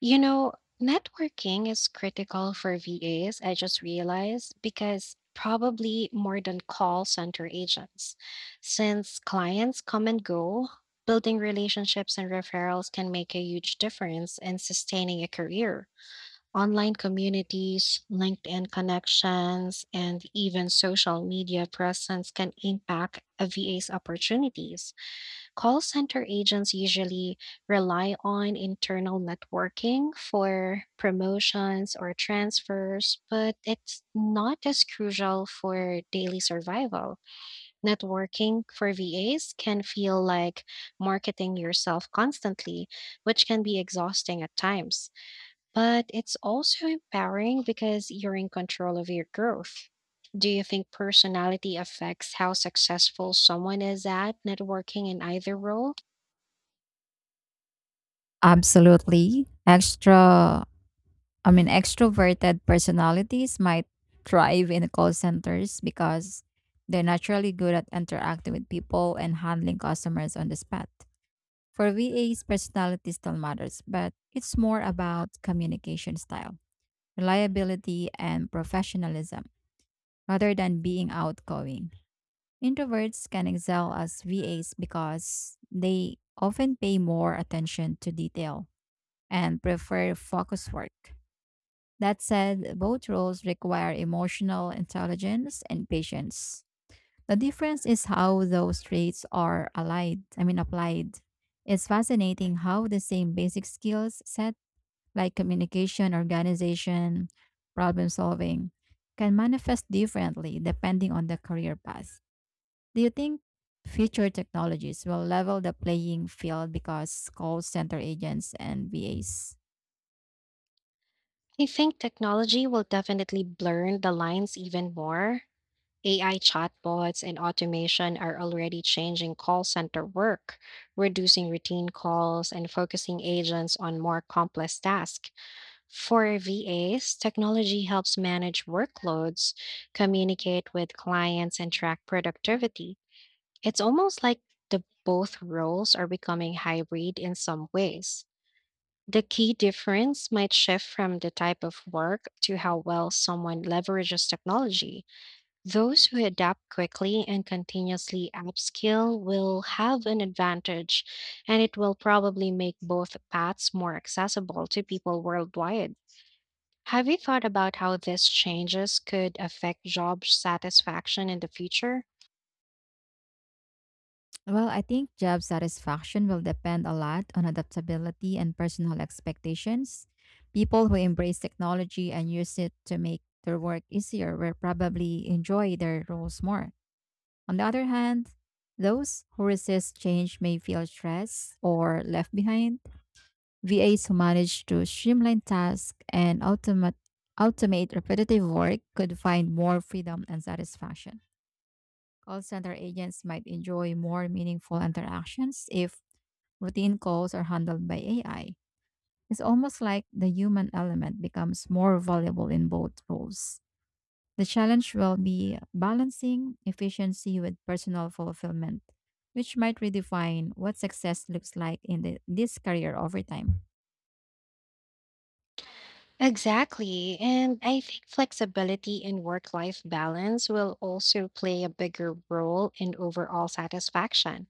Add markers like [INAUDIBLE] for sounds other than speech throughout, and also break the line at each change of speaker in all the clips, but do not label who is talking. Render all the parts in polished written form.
You know, networking is critical for VAs, I just realized, because probably more than call center agents. Since clients come and go, building relationships and referrals can make a huge difference in sustaining a career. Online communities, LinkedIn connections, and even social media presence can impact a VA's opportunities. Call center agents usually rely on internal networking for promotions or transfers, but it's not as crucial for daily survival. Networking for VAs can feel like marketing yourself constantly, which can be exhausting at times. But it's also empowering because you're in control of your growth. Do you think personality affects how successful someone is at networking in either role?
Absolutely. Extroverted personalities might thrive in call centers because they're naturally good at interacting with people and handling customers on the spot. For VAs, personality still matters, but it's more about communication style, reliability, and professionalism rather than being outgoing. Introverts can excel as VAs because they often pay more attention to detail and prefer focus work. That said, both roles require emotional intelligence and patience. The difference is how those traits are allied, I mean applied. It's fascinating how the same basic skills set, like communication, organization, problem solving, can manifest differently depending on the career path. Do you think future technologies will level the playing field because call center agents and VAs?
I think technology will definitely blur the lines even more. AI chatbots and automation are already changing call center work, reducing routine calls and focusing agents on more complex tasks. For VAs, technology helps manage workloads, communicate with clients, and track productivity. It's almost like the both roles are becoming hybrid in some ways. The key difference might shift from the type of work to how well someone leverages technology. Those who adapt quickly and continuously upskill will have an advantage, and it will probably make both paths more accessible to people worldwide. Have you thought about how these changes could affect job satisfaction in the future?
Well, I think job satisfaction will depend a lot on adaptability and personal expectations. People who embrace technology and use it to make their work easier will probably enjoy their roles more. On the other hand, those who resist change may feel stressed or left behind. VAs who manage to streamline tasks and automate repetitive work could find more freedom and satisfaction. Call center agents might enjoy more meaningful interactions if routine calls are handled by AI. It's almost like the human element becomes more valuable in both roles. The challenge will be balancing efficiency with personal fulfillment, which might redefine what success looks like in this career over time.
Exactly. And I think flexibility and work life balance will also play a bigger role in overall satisfaction.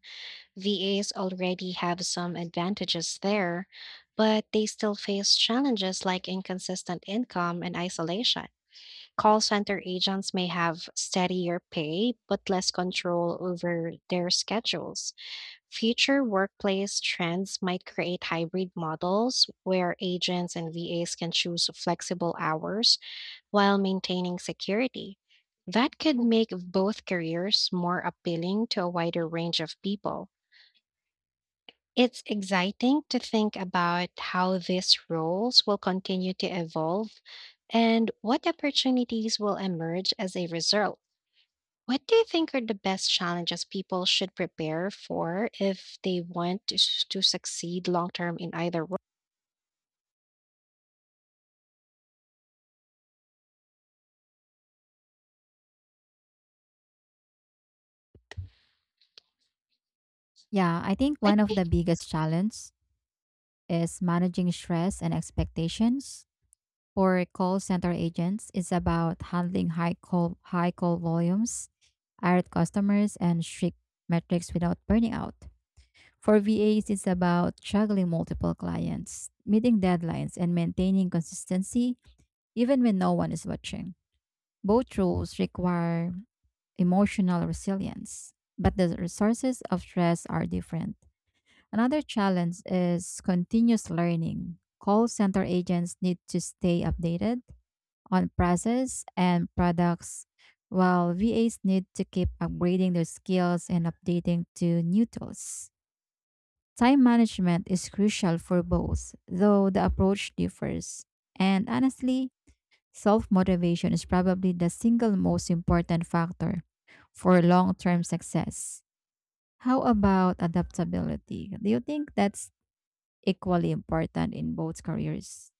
VAs already have some advantages there, but they still face challenges like inconsistent income and isolation. Call center agents may have steadier pay, but less control over their schedules. Future workplace trends might create hybrid models where agents and VAs can choose flexible hours while maintaining security. That could make both careers more appealing to a wider range of people. It's exciting to think about how these roles will continue to evolve and what opportunities will emerge as a result. What do you think are the best challenges people should prepare for if they want to, to succeed long term in either role?
Yeah, I think
What
one
do
of the
you-
biggest challenges is managing stress and expectations. For call center agents, is about handling high call volumes, irate customers, and strict metrics without burning out. For VAs, it's about juggling multiple clients, meeting deadlines, and maintaining consistency even when no one is watching. Both roles require emotional resilience, but the resources of stress are different. Another challenge is continuous learning. Call center agents need to stay updated on process and products, while VAs need to keep upgrading their skills and updating to new tools. Time management is crucial for both, though the approach differs. And honestly, self motivation is probably the single most important factor for long term success. How about adaptability? Do you think that's equally important in both careers?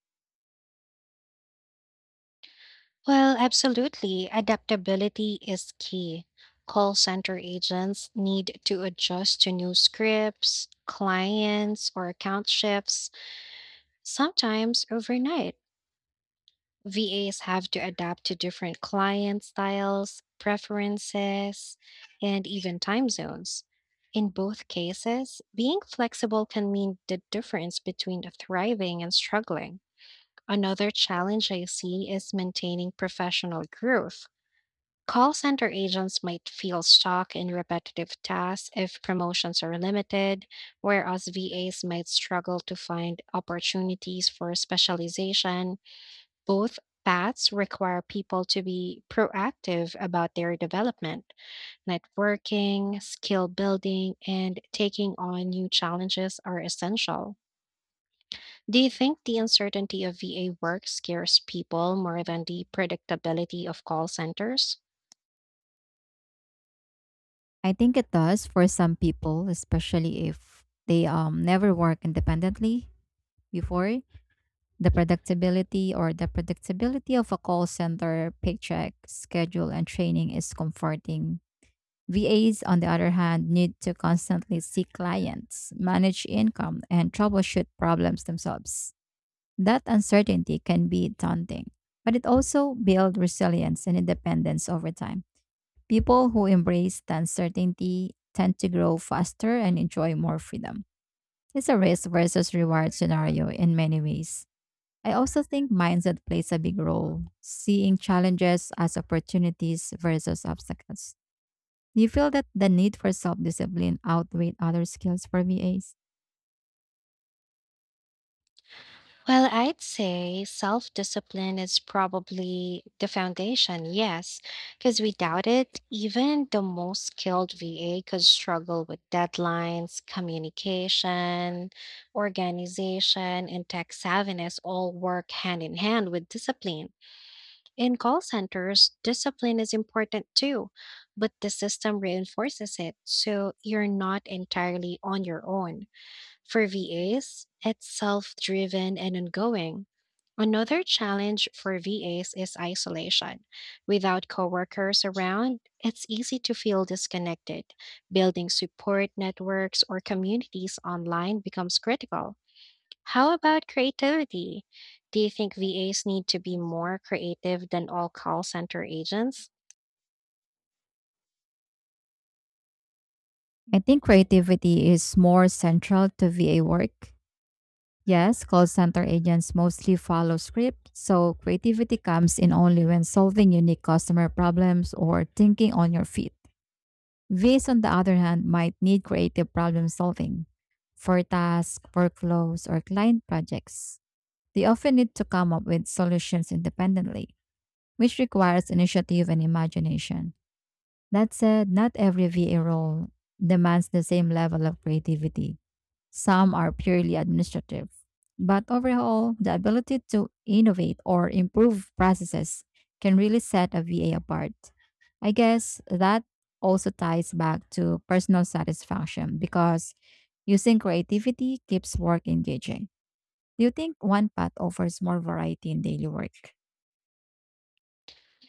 Well, absolutely. Adaptability is key. Call center agents need to adjust to new scripts, clients, or account shifts, sometimes overnight. VAs have to adapt to different client styles, preferences, and even time zones. In both cases, being flexible can mean the difference between thriving and struggling. Another challenge I see is maintaining professional growth. Call center agents might feel stuck in repetitive tasks if promotions are limited, whereas VAs might struggle to find opportunities for specialization. Both paths require people to be proactive about their development. Networking, skill building, and taking on new challenges are essential. Do you think the uncertainty of VA work scares people more than the predictability of call centers?
I think it does for some people, especially if they never work independently before. The predictability of a call center paycheck schedule and training is comforting. VAs, on the other hand, need to constantly see clients, manage income, and troubleshoot problems themselves. That uncertainty can be daunting, but it also builds resilience and independence over time. People who embrace the uncertainty tend to grow faster and enjoy more freedom. It's a risk versus reward scenario in many ways. I also think mindset plays a big role, seeing challenges as opportunities versus obstacles. Do you feel that the need for self discipline outweighs other skills for VAs?
Well, I'd say self discipline is probably the foundation, yes, because without it, even the most skilled VA could struggle with deadlines, communication, organization, and tech savviness all work hand in hand with discipline. In call centers, discipline is important too, but the system reinforces it, so you're not entirely on your own. For VAs, it's self driven and ongoing. Another challenge for VAs is isolation. Without coworkers around, it's easy to feel disconnected. Building support networks or communities online becomes critical. How about creativity? Do you think VAs need to be more creative than all call center agents?
I think creativity is more central to VA work. Yes, call center agents mostly follow scripts, so creativity comes in only when solving unique customer problems or thinking on your feet. VAs, on the other hand, might need creative problem solving for tasks, workflows, or client projects. They often need to come up with solutions independently, which requires initiative and imagination. That said, not every VA role demands the same level of creativity. Some are purely administrative. But overall, the ability to innovate or improve processes can really set a VA apart. I guess that also ties back to personal satisfaction because using creativity keeps work engaging. Do you think one path offers more variety in daily work?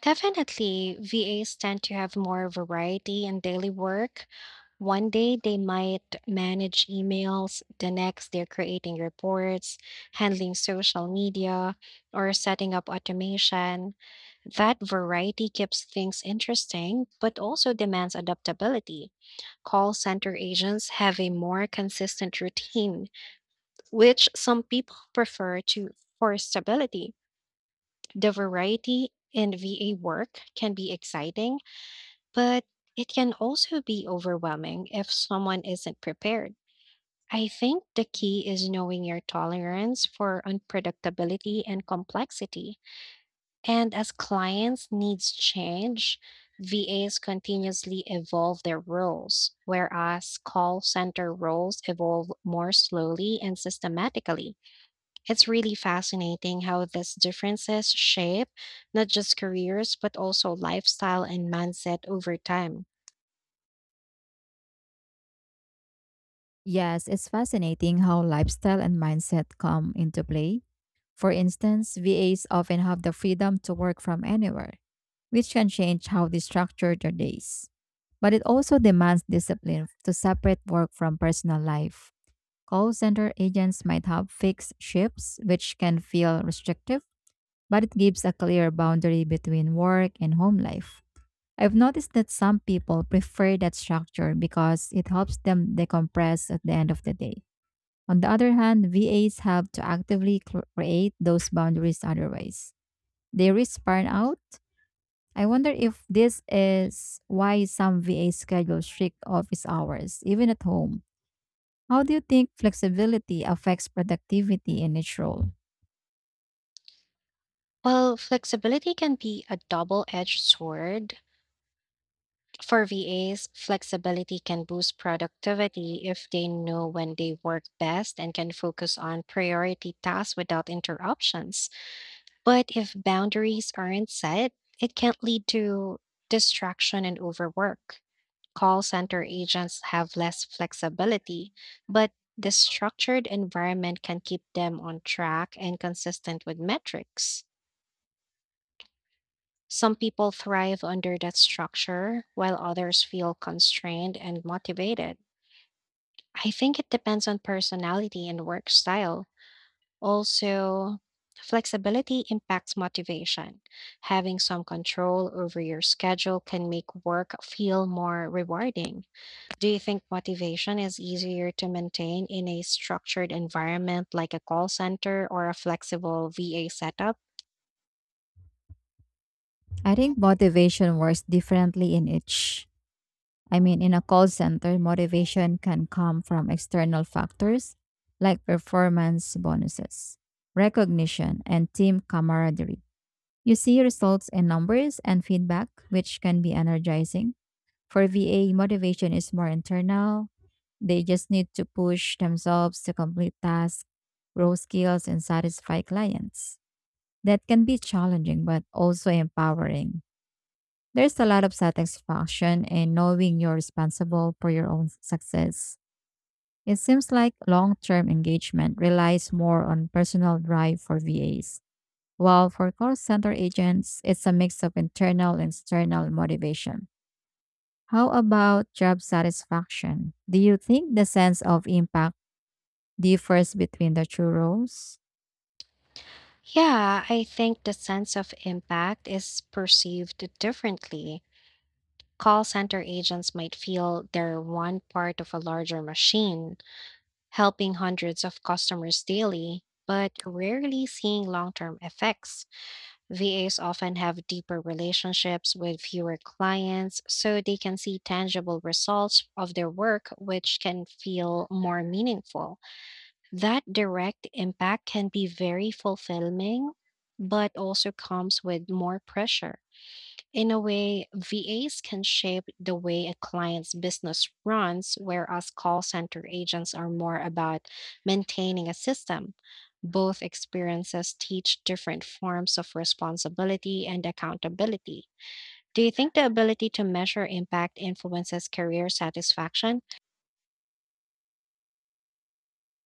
Definitely, VAs tend to have more variety in daily work. One day they might manage emails, the next they're creating reports, handling social media, or setting up automation. That variety keeps things interesting, but also demands adaptability. Call center agents have a more consistent routine, which some people prefer to for stability. The variety in VA work can be exciting but it can also be overwhelming if someone isn't prepared. I think the key is knowing your tolerance for unpredictability and complexity. And as clients' needs change, VAs continuously evolve their roles, whereas call center roles evolve more slowly and systematically. It's really fascinating how these differences shape not just careers, but also lifestyle and mindset over time.
Yes, it's fascinating how lifestyle and mindset come into play. For instance, VAs often have the freedom to work from anywhere, which can change how they structure their days. But it also demands discipline to separate work from personal life. Call center agents might have fixed shifts, which can feel restrictive, but it gives a clear boundary between work and home life. I've noticed that some people prefer that structure because it helps them decompress at the end of the day. On the other hand, VAs have to actively create those boundaries, otherwise they risk burnout. I wonder if this is why some VA schedule strict office hours, even at home. How do you think flexibility affects productivity in each role?
Well, flexibility can be a double edged sword. For VAs, flexibility can boost productivity if they know when they work best and can focus on priority tasks without interruptions. But if boundaries aren't set, it can lead to distraction and overwork. Call center agents have less flexibility, but the structured environment can keep them on track and consistent with metrics. Some people thrive under that structure, while others feel constrained and motivated. I think it depends on personality and work style. Also, flexibility impacts motivation. Having some control over your schedule can make work feel more rewarding. Do you think motivation is easier to maintain in a structured environment like a call center or a flexible VA setup?
I think motivation works differently in each. I mean, in a call center, motivation can come from external factors like performance bonuses, recognition, and team camaraderie. You see results in numbers and feedback, which can be energizing. For VA, motivation is more internal. They just need to push themselves to complete tasks, grow skills, and satisfy clients. That can be challenging, but also empowering. There's a lot of satisfaction in knowing you're responsible for your own success. It seems like long term engagement relies more on personal drive for VAs, while for call center agents, it's a mix of internal and external motivation. How about job satisfaction? Do you think the sense of impact differs between the two roles?
Yeah, I think the sense of impact is perceived differently. Call center agents might feel they're one part of a larger machine, helping hundreds of customers daily, but rarely seeing long term effects. VAs often have deeper relationships with fewer clients, so they can see tangible results of their work, which can feel more meaningful. That direct impact can be very fulfilling, but also comes with more pressure. In a way, VAs can shape the way a client's business runs, whereas call center agents are more about maintaining a system. Both experiences teach different forms of responsibility and accountability. Do you think the ability to measure impact influences career satisfaction?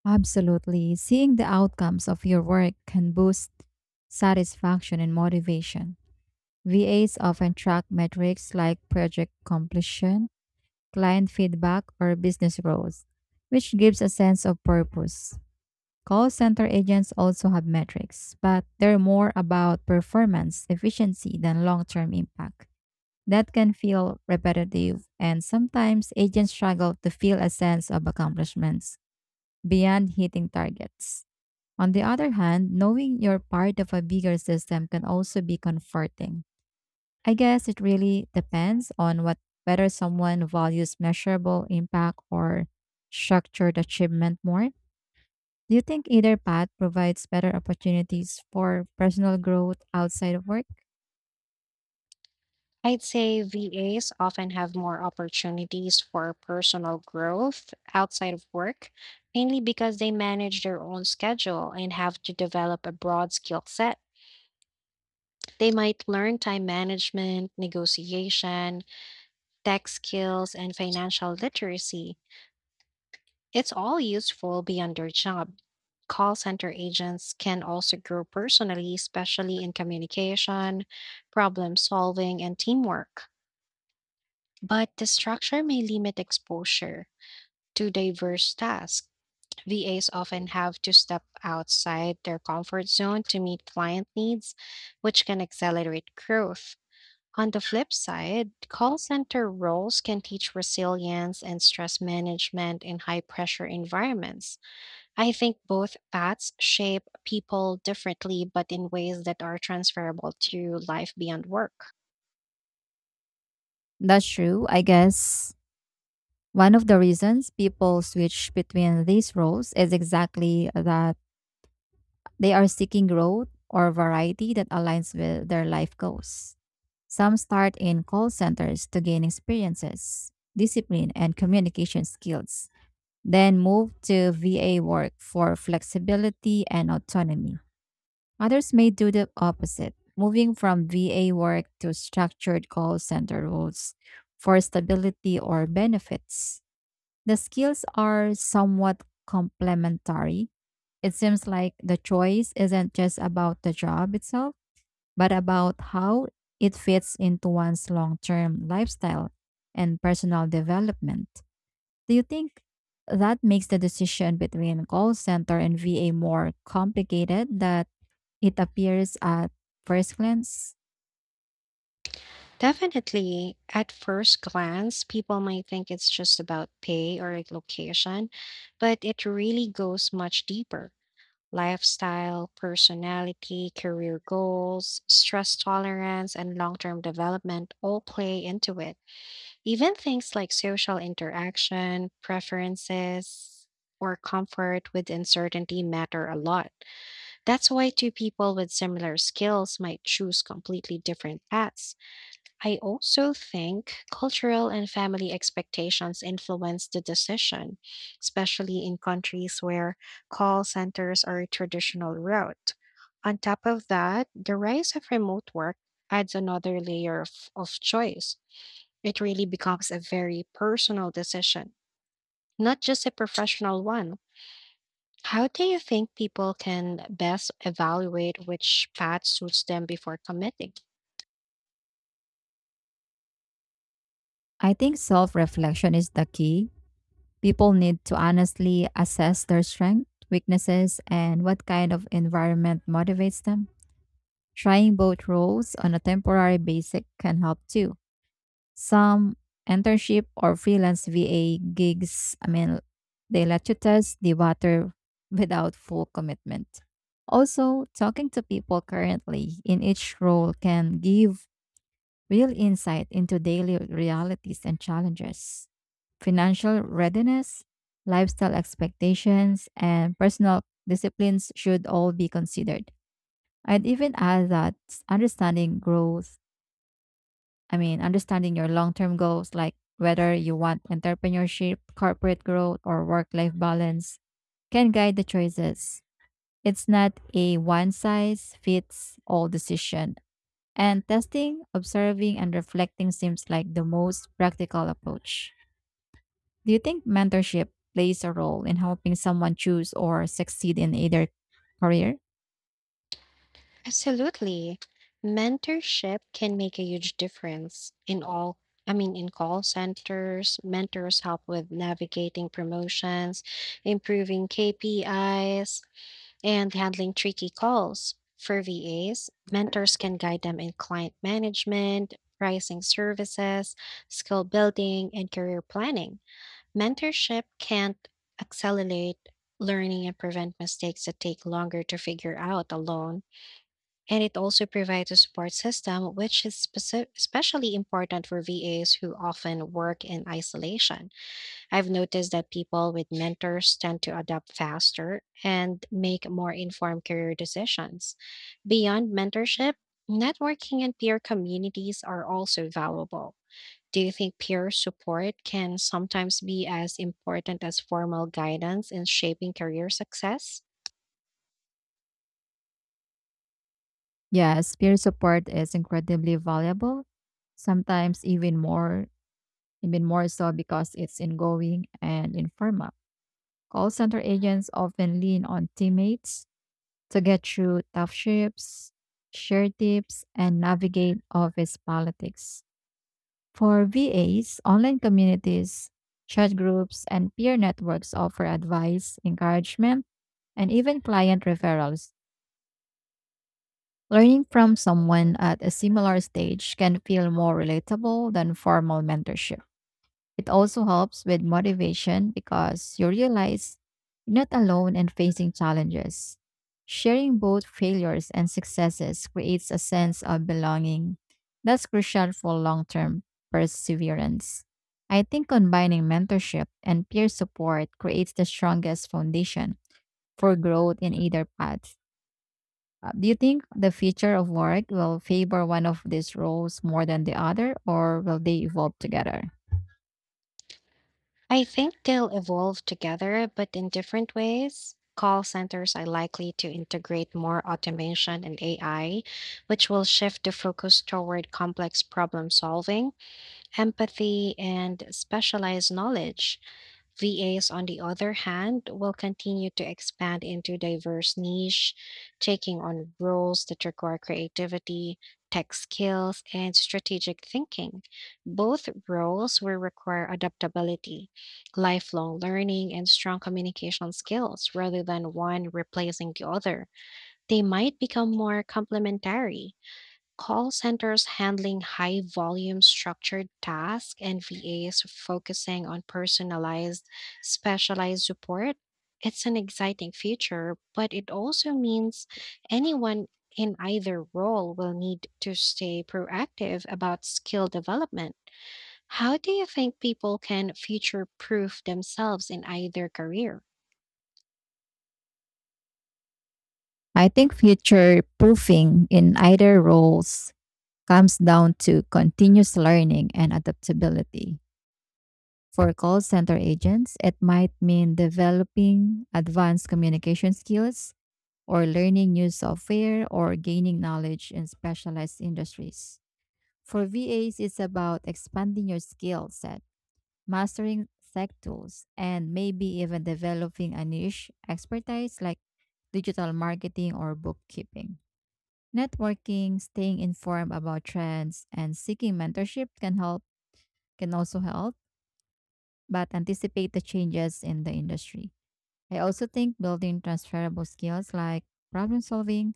Absolutely. Seeing the outcomes of your work can boost satisfaction and motivation. VAs often track metrics like project completion, client feedback, or business growth, which gives a sense of purpose. Call center agents also have metrics, but they're more about performance efficiency than long term impact. That can feel repetitive, and sometimes agents struggle to feel a sense of accomplishments beyond hitting targets. On the other hand, knowing you're part of a bigger system can also be comforting. I guess it really depends on what whether someone values measurable impact or structured achievement more. Do you think either path provides better opportunities for personal growth outside of work?
I'd say VAs often have more opportunities for personal growth outside of work, mainly because they manage their own schedule and have to develop a broad skill set. They might learn time management, negotiation, tech skills, and financial literacy. It's all useful beyond their job. Call center agents can also grow personally, especially in communication, problem solving, and teamwork. But the structure may limit exposure to diverse tasks. VAs often have to step outside their comfort zone to meet client needs, which can accelerate growth. On the flip side, call center roles can teach resilience and stress management in high pressure environments. I think both paths shape people differently, but in ways that are transferable to life beyond work.
That's true. I guess one of the reasons people switch between these roles is exactly that. They are seeking growth or variety that aligns with their life goals. Some start in call centers to gain experiences, discipline, and communication skills, then move to VA work for flexibility and autonomy. Others may do the opposite, moving from VA work to structured call center roles for stability or benefits. The skills are somewhat complementary. It seems like the choice isn't just about the job itself, but about how it fits into one's long term lifestyle and personal development. Do you think that makes the decision between call center and VA more complicated than it appears at first glance?
Definitely, at first glance, people might think it's just about pay or location, but it really goes much deeper. Lifestyle, personality, career goals, stress tolerance, and long term development all play into it. Even things like social interaction, preferences, or comfort with uncertainty matter a lot. That's why two people with similar skills might choose completely different paths. I also think cultural and family expectations influence the decision, especially in countries where call centers are a traditional route. On top of that, the rise of remote work adds another layer of choice. It really becomes a very personal decision, not just a professional one. How do you think people can best evaluate which path suits them before committing?
I think self reflection is the key. People need to honestly assess their strengths, weaknesses, and what kind of environment motivates them. Trying both roles on a temporary basis can help too. Some internship or freelance VA gigs, they let you test the water [LAUGHS] without full commitment. Also, talking to people currently in each role can give real insight into daily realities and challenges. Financial readiness, lifestyle expectations, and personal disciplines should all be considered. I'd even add that understanding growth, I mean, understanding your long term goals, like whether you want entrepreneurship, corporate growth, or work life balance, can guide the choices. It's not a one size fits all decision. And testing, observing, and reflecting seems like the most practical approach. Do you think mentorship plays a role in helping someone choose or succeed in either career?
Absolutely. Mentorship can make a huge difference in in call centers. Mentors help with navigating promotions, improving KPIs, and handling tricky calls. For VAs, mentors can guide them in client management, pricing services, skill building, and career planning. Mentorship can't accelerate learning and prevent mistakes that take longer to figure out alone, and it also provides a support system, which is especially important for VAs who often work in isolation. I've noticed that people with mentors tend to adapt faster and make more informed career decisions. Beyond mentorship, networking and peer communities are also valuable. Do you think peer support can sometimes be as important as formal guidance in shaping career success?
Yes, peer support is incredibly valuable, sometimes even more so because it's ongoing and informal. Call center agents often lean on teammates to get through tough shifts, share tips, and navigate office politics. For VAs, online communities, chat groups, and peer networks offer advice, encouragement, and even client referrals. Learning from someone at a similar stage can feel more relatable than formal mentorship. It also helps with motivation because you realize you're not alone in facing challenges. Sharing both failures and successes creates a sense of belonging that's crucial for long term perseverance. I think combining mentorship and peer support creates the strongest foundation for growth in either path. Do you think the future of work will favor one of these roles more than the other, or will they evolve together?
I think they'll evolve together, but in different ways. Call centers are likely to integrate more automation and AI, which will shift the focus toward complex problem solving, empathy, and specialized knowledge. VAs, on the other hand, will continue to expand into diverse niche, taking on roles that require creativity, tech skills, and strategic thinking. Both roles will require adaptability, lifelong learning, and strong communication skills rather than one replacing the other. They might become more complementary. Call centers handling high volume structured tasks and VAs focusing on personalized, specialized support. It's an exciting future, but it also means anyone in either role will need to stay proactive about skill development. How do you think people can future proof themselves in either career?
I think future proofing in either roles comes down to continuous learning and adaptability. For call center agents, it might mean developing advanced communication skills or learning new software or gaining knowledge in specialized industries. For VAs, it's about expanding your skill set, mastering tech tools, and maybe even developing a niche expertise like digital marketing or bookkeeping. Networking, staying informed about trends, and seeking mentorship can also help, but anticipate the changes in the industry. I also think building transferable skills like problem solving,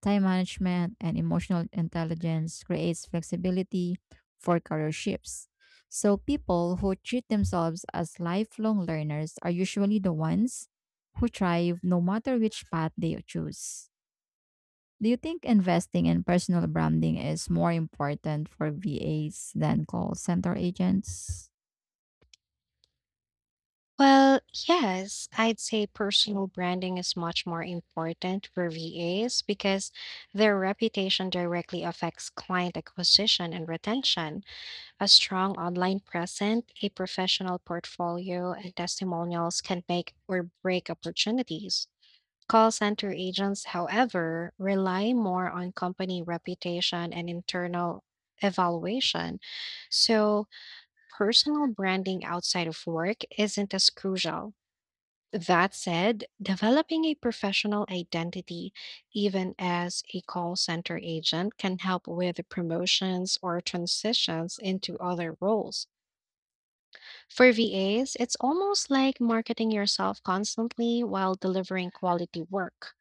time management, and emotional intelligence creates flexibility for career shifts. So people who treat themselves as lifelong learners are usually the ones who thrive no matter which path they choose. Do you think investing in personal branding is more important for VAs than call center agents?
Well, yes, I'd say personal branding is much more important for VAs because their reputation directly affects client acquisition and retention. A strong online presence, a professional portfolio, and testimonials can make or break opportunities. Call center agents, however, rely more on company reputation and internal evaluation. So, personal branding outside of work isn't as crucial. That said, developing a professional identity, even as a call center agent, can help with promotions or transitions into other roles. For VAs, it's almost like marketing yourself constantly while delivering quality work.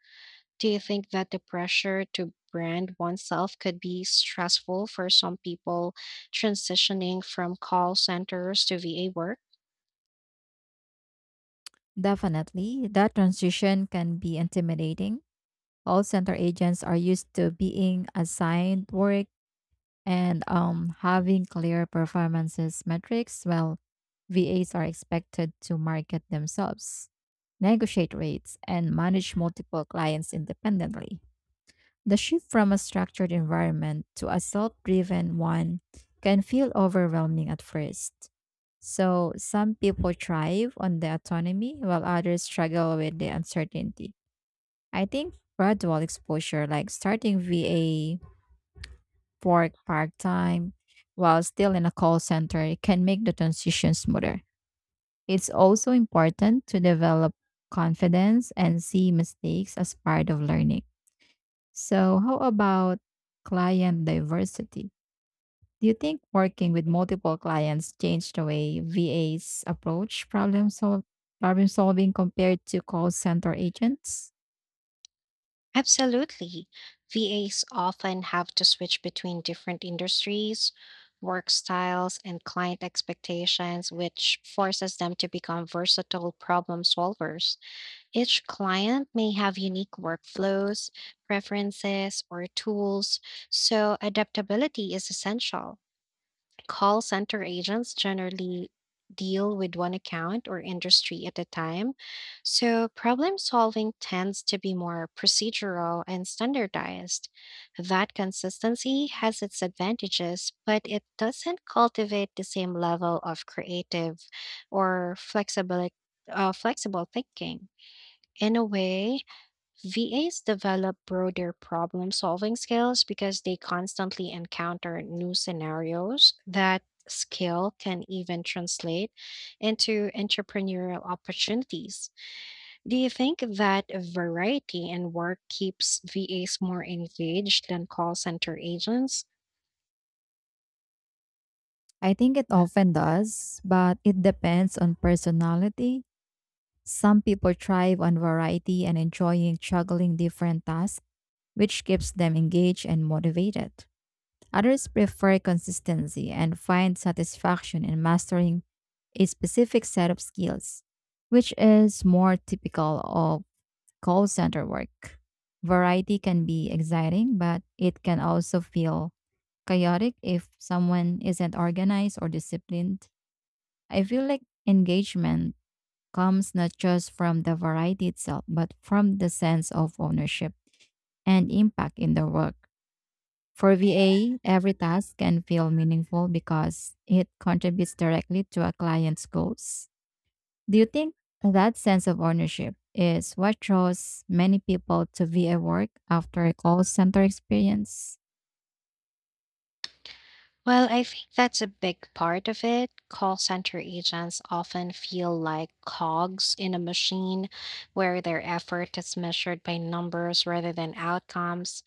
Do you think that the pressure to brand oneself could be stressful for some people transitioning from call centers to VA work?
Definitely. That transition can be intimidating. All center agents are used to being assigned work and having clear performances metrics. Well, VAs are expected to market themselves, negotiate rates, and manage multiple clients independently. The shift from a structured environment to a self driven one can feel overwhelming at first. So, some people thrive on the autonomy while others struggle with the uncertainty. I think gradual exposure, like starting VA work part time while still in a call center, can make the transition smoother. It's also important to develop confidence and see mistakes as part of learning. So, how about client diversity? Do you think working with multiple clients changed the way VAs approach problem solving compared to call center agents?
Absolutely. VAs often have to switch between different industries, work styles, and client expectations, which forces them to become versatile problem solvers. Each client may have unique workflows, preferences, or tools, so adaptability is essential. Call center agents generally deal with one account or industry at a time, so problem solving tends to be more procedural and standardized. That consistency has its advantages, but it doesn't cultivate the same level of creative or flexible thinking. In a way, VAs develop broader problem solving skills because they constantly encounter new scenarios. That skill can even translate into entrepreneurial opportunities. Do you think that variety in work keeps VAs more engaged than call center agents?
I think it often does, but it depends on personality. Some people thrive on variety and enjoying juggling different tasks, which keeps them engaged and motivated. Others prefer consistency and find satisfaction in mastering a specific set of skills, which is more typical of call center work. Variety can be exciting, but it can also feel chaotic if someone isn't organized or disciplined. I feel like engagement comes not just from the variety itself, but from the sense of ownership and impact in the work. For VA, every task can feel meaningful because it contributes directly to a client's goals. Do you think that sense of ownership is what draws many people to VA work after a call center experience?
Well, I think that's a big part of it. Call center agents often feel like cogs in a machine where their effort is measured by numbers rather than outcomes.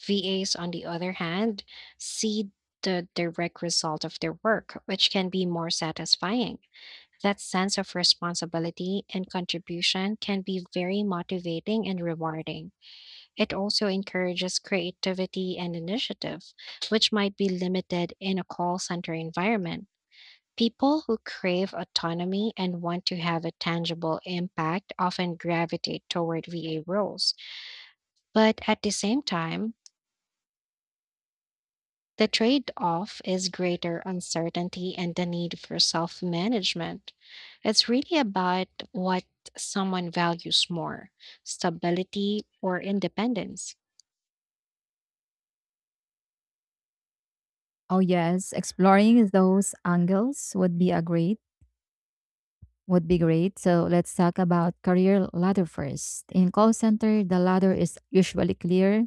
VAs, on the other hand, see the direct result of their work, which can be more satisfying. That sense of responsibility and contribution can be very motivating and rewarding. It also encourages creativity and initiative, which might be limited in a call center environment. People who crave autonomy and want to have a tangible impact often gravitate toward VA roles. But at the same time, the trade off is greater uncertainty and the need for self management. It's really about what someone values more, stability or independence.
Oh, yes, exploring those angles would be a great would be great. So let's talk about career ladder first. In call center, the ladder is usually clear,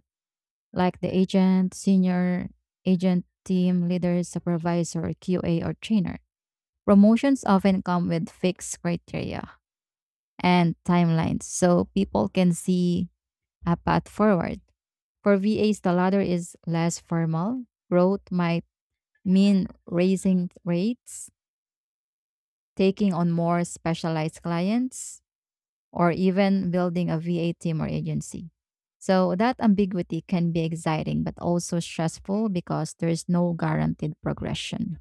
like the agent, senior agent, team leader, supervisor, QA, or trainer. Promotions often come with fixed criteria and timelines, so people can see a path forward. For VAs, the ladder is less formal. Growth might mean raising rates, taking on more specialized clients, or even building a VA team or agency. So that ambiguity can be exciting but also stressful because there's no guaranteed progression.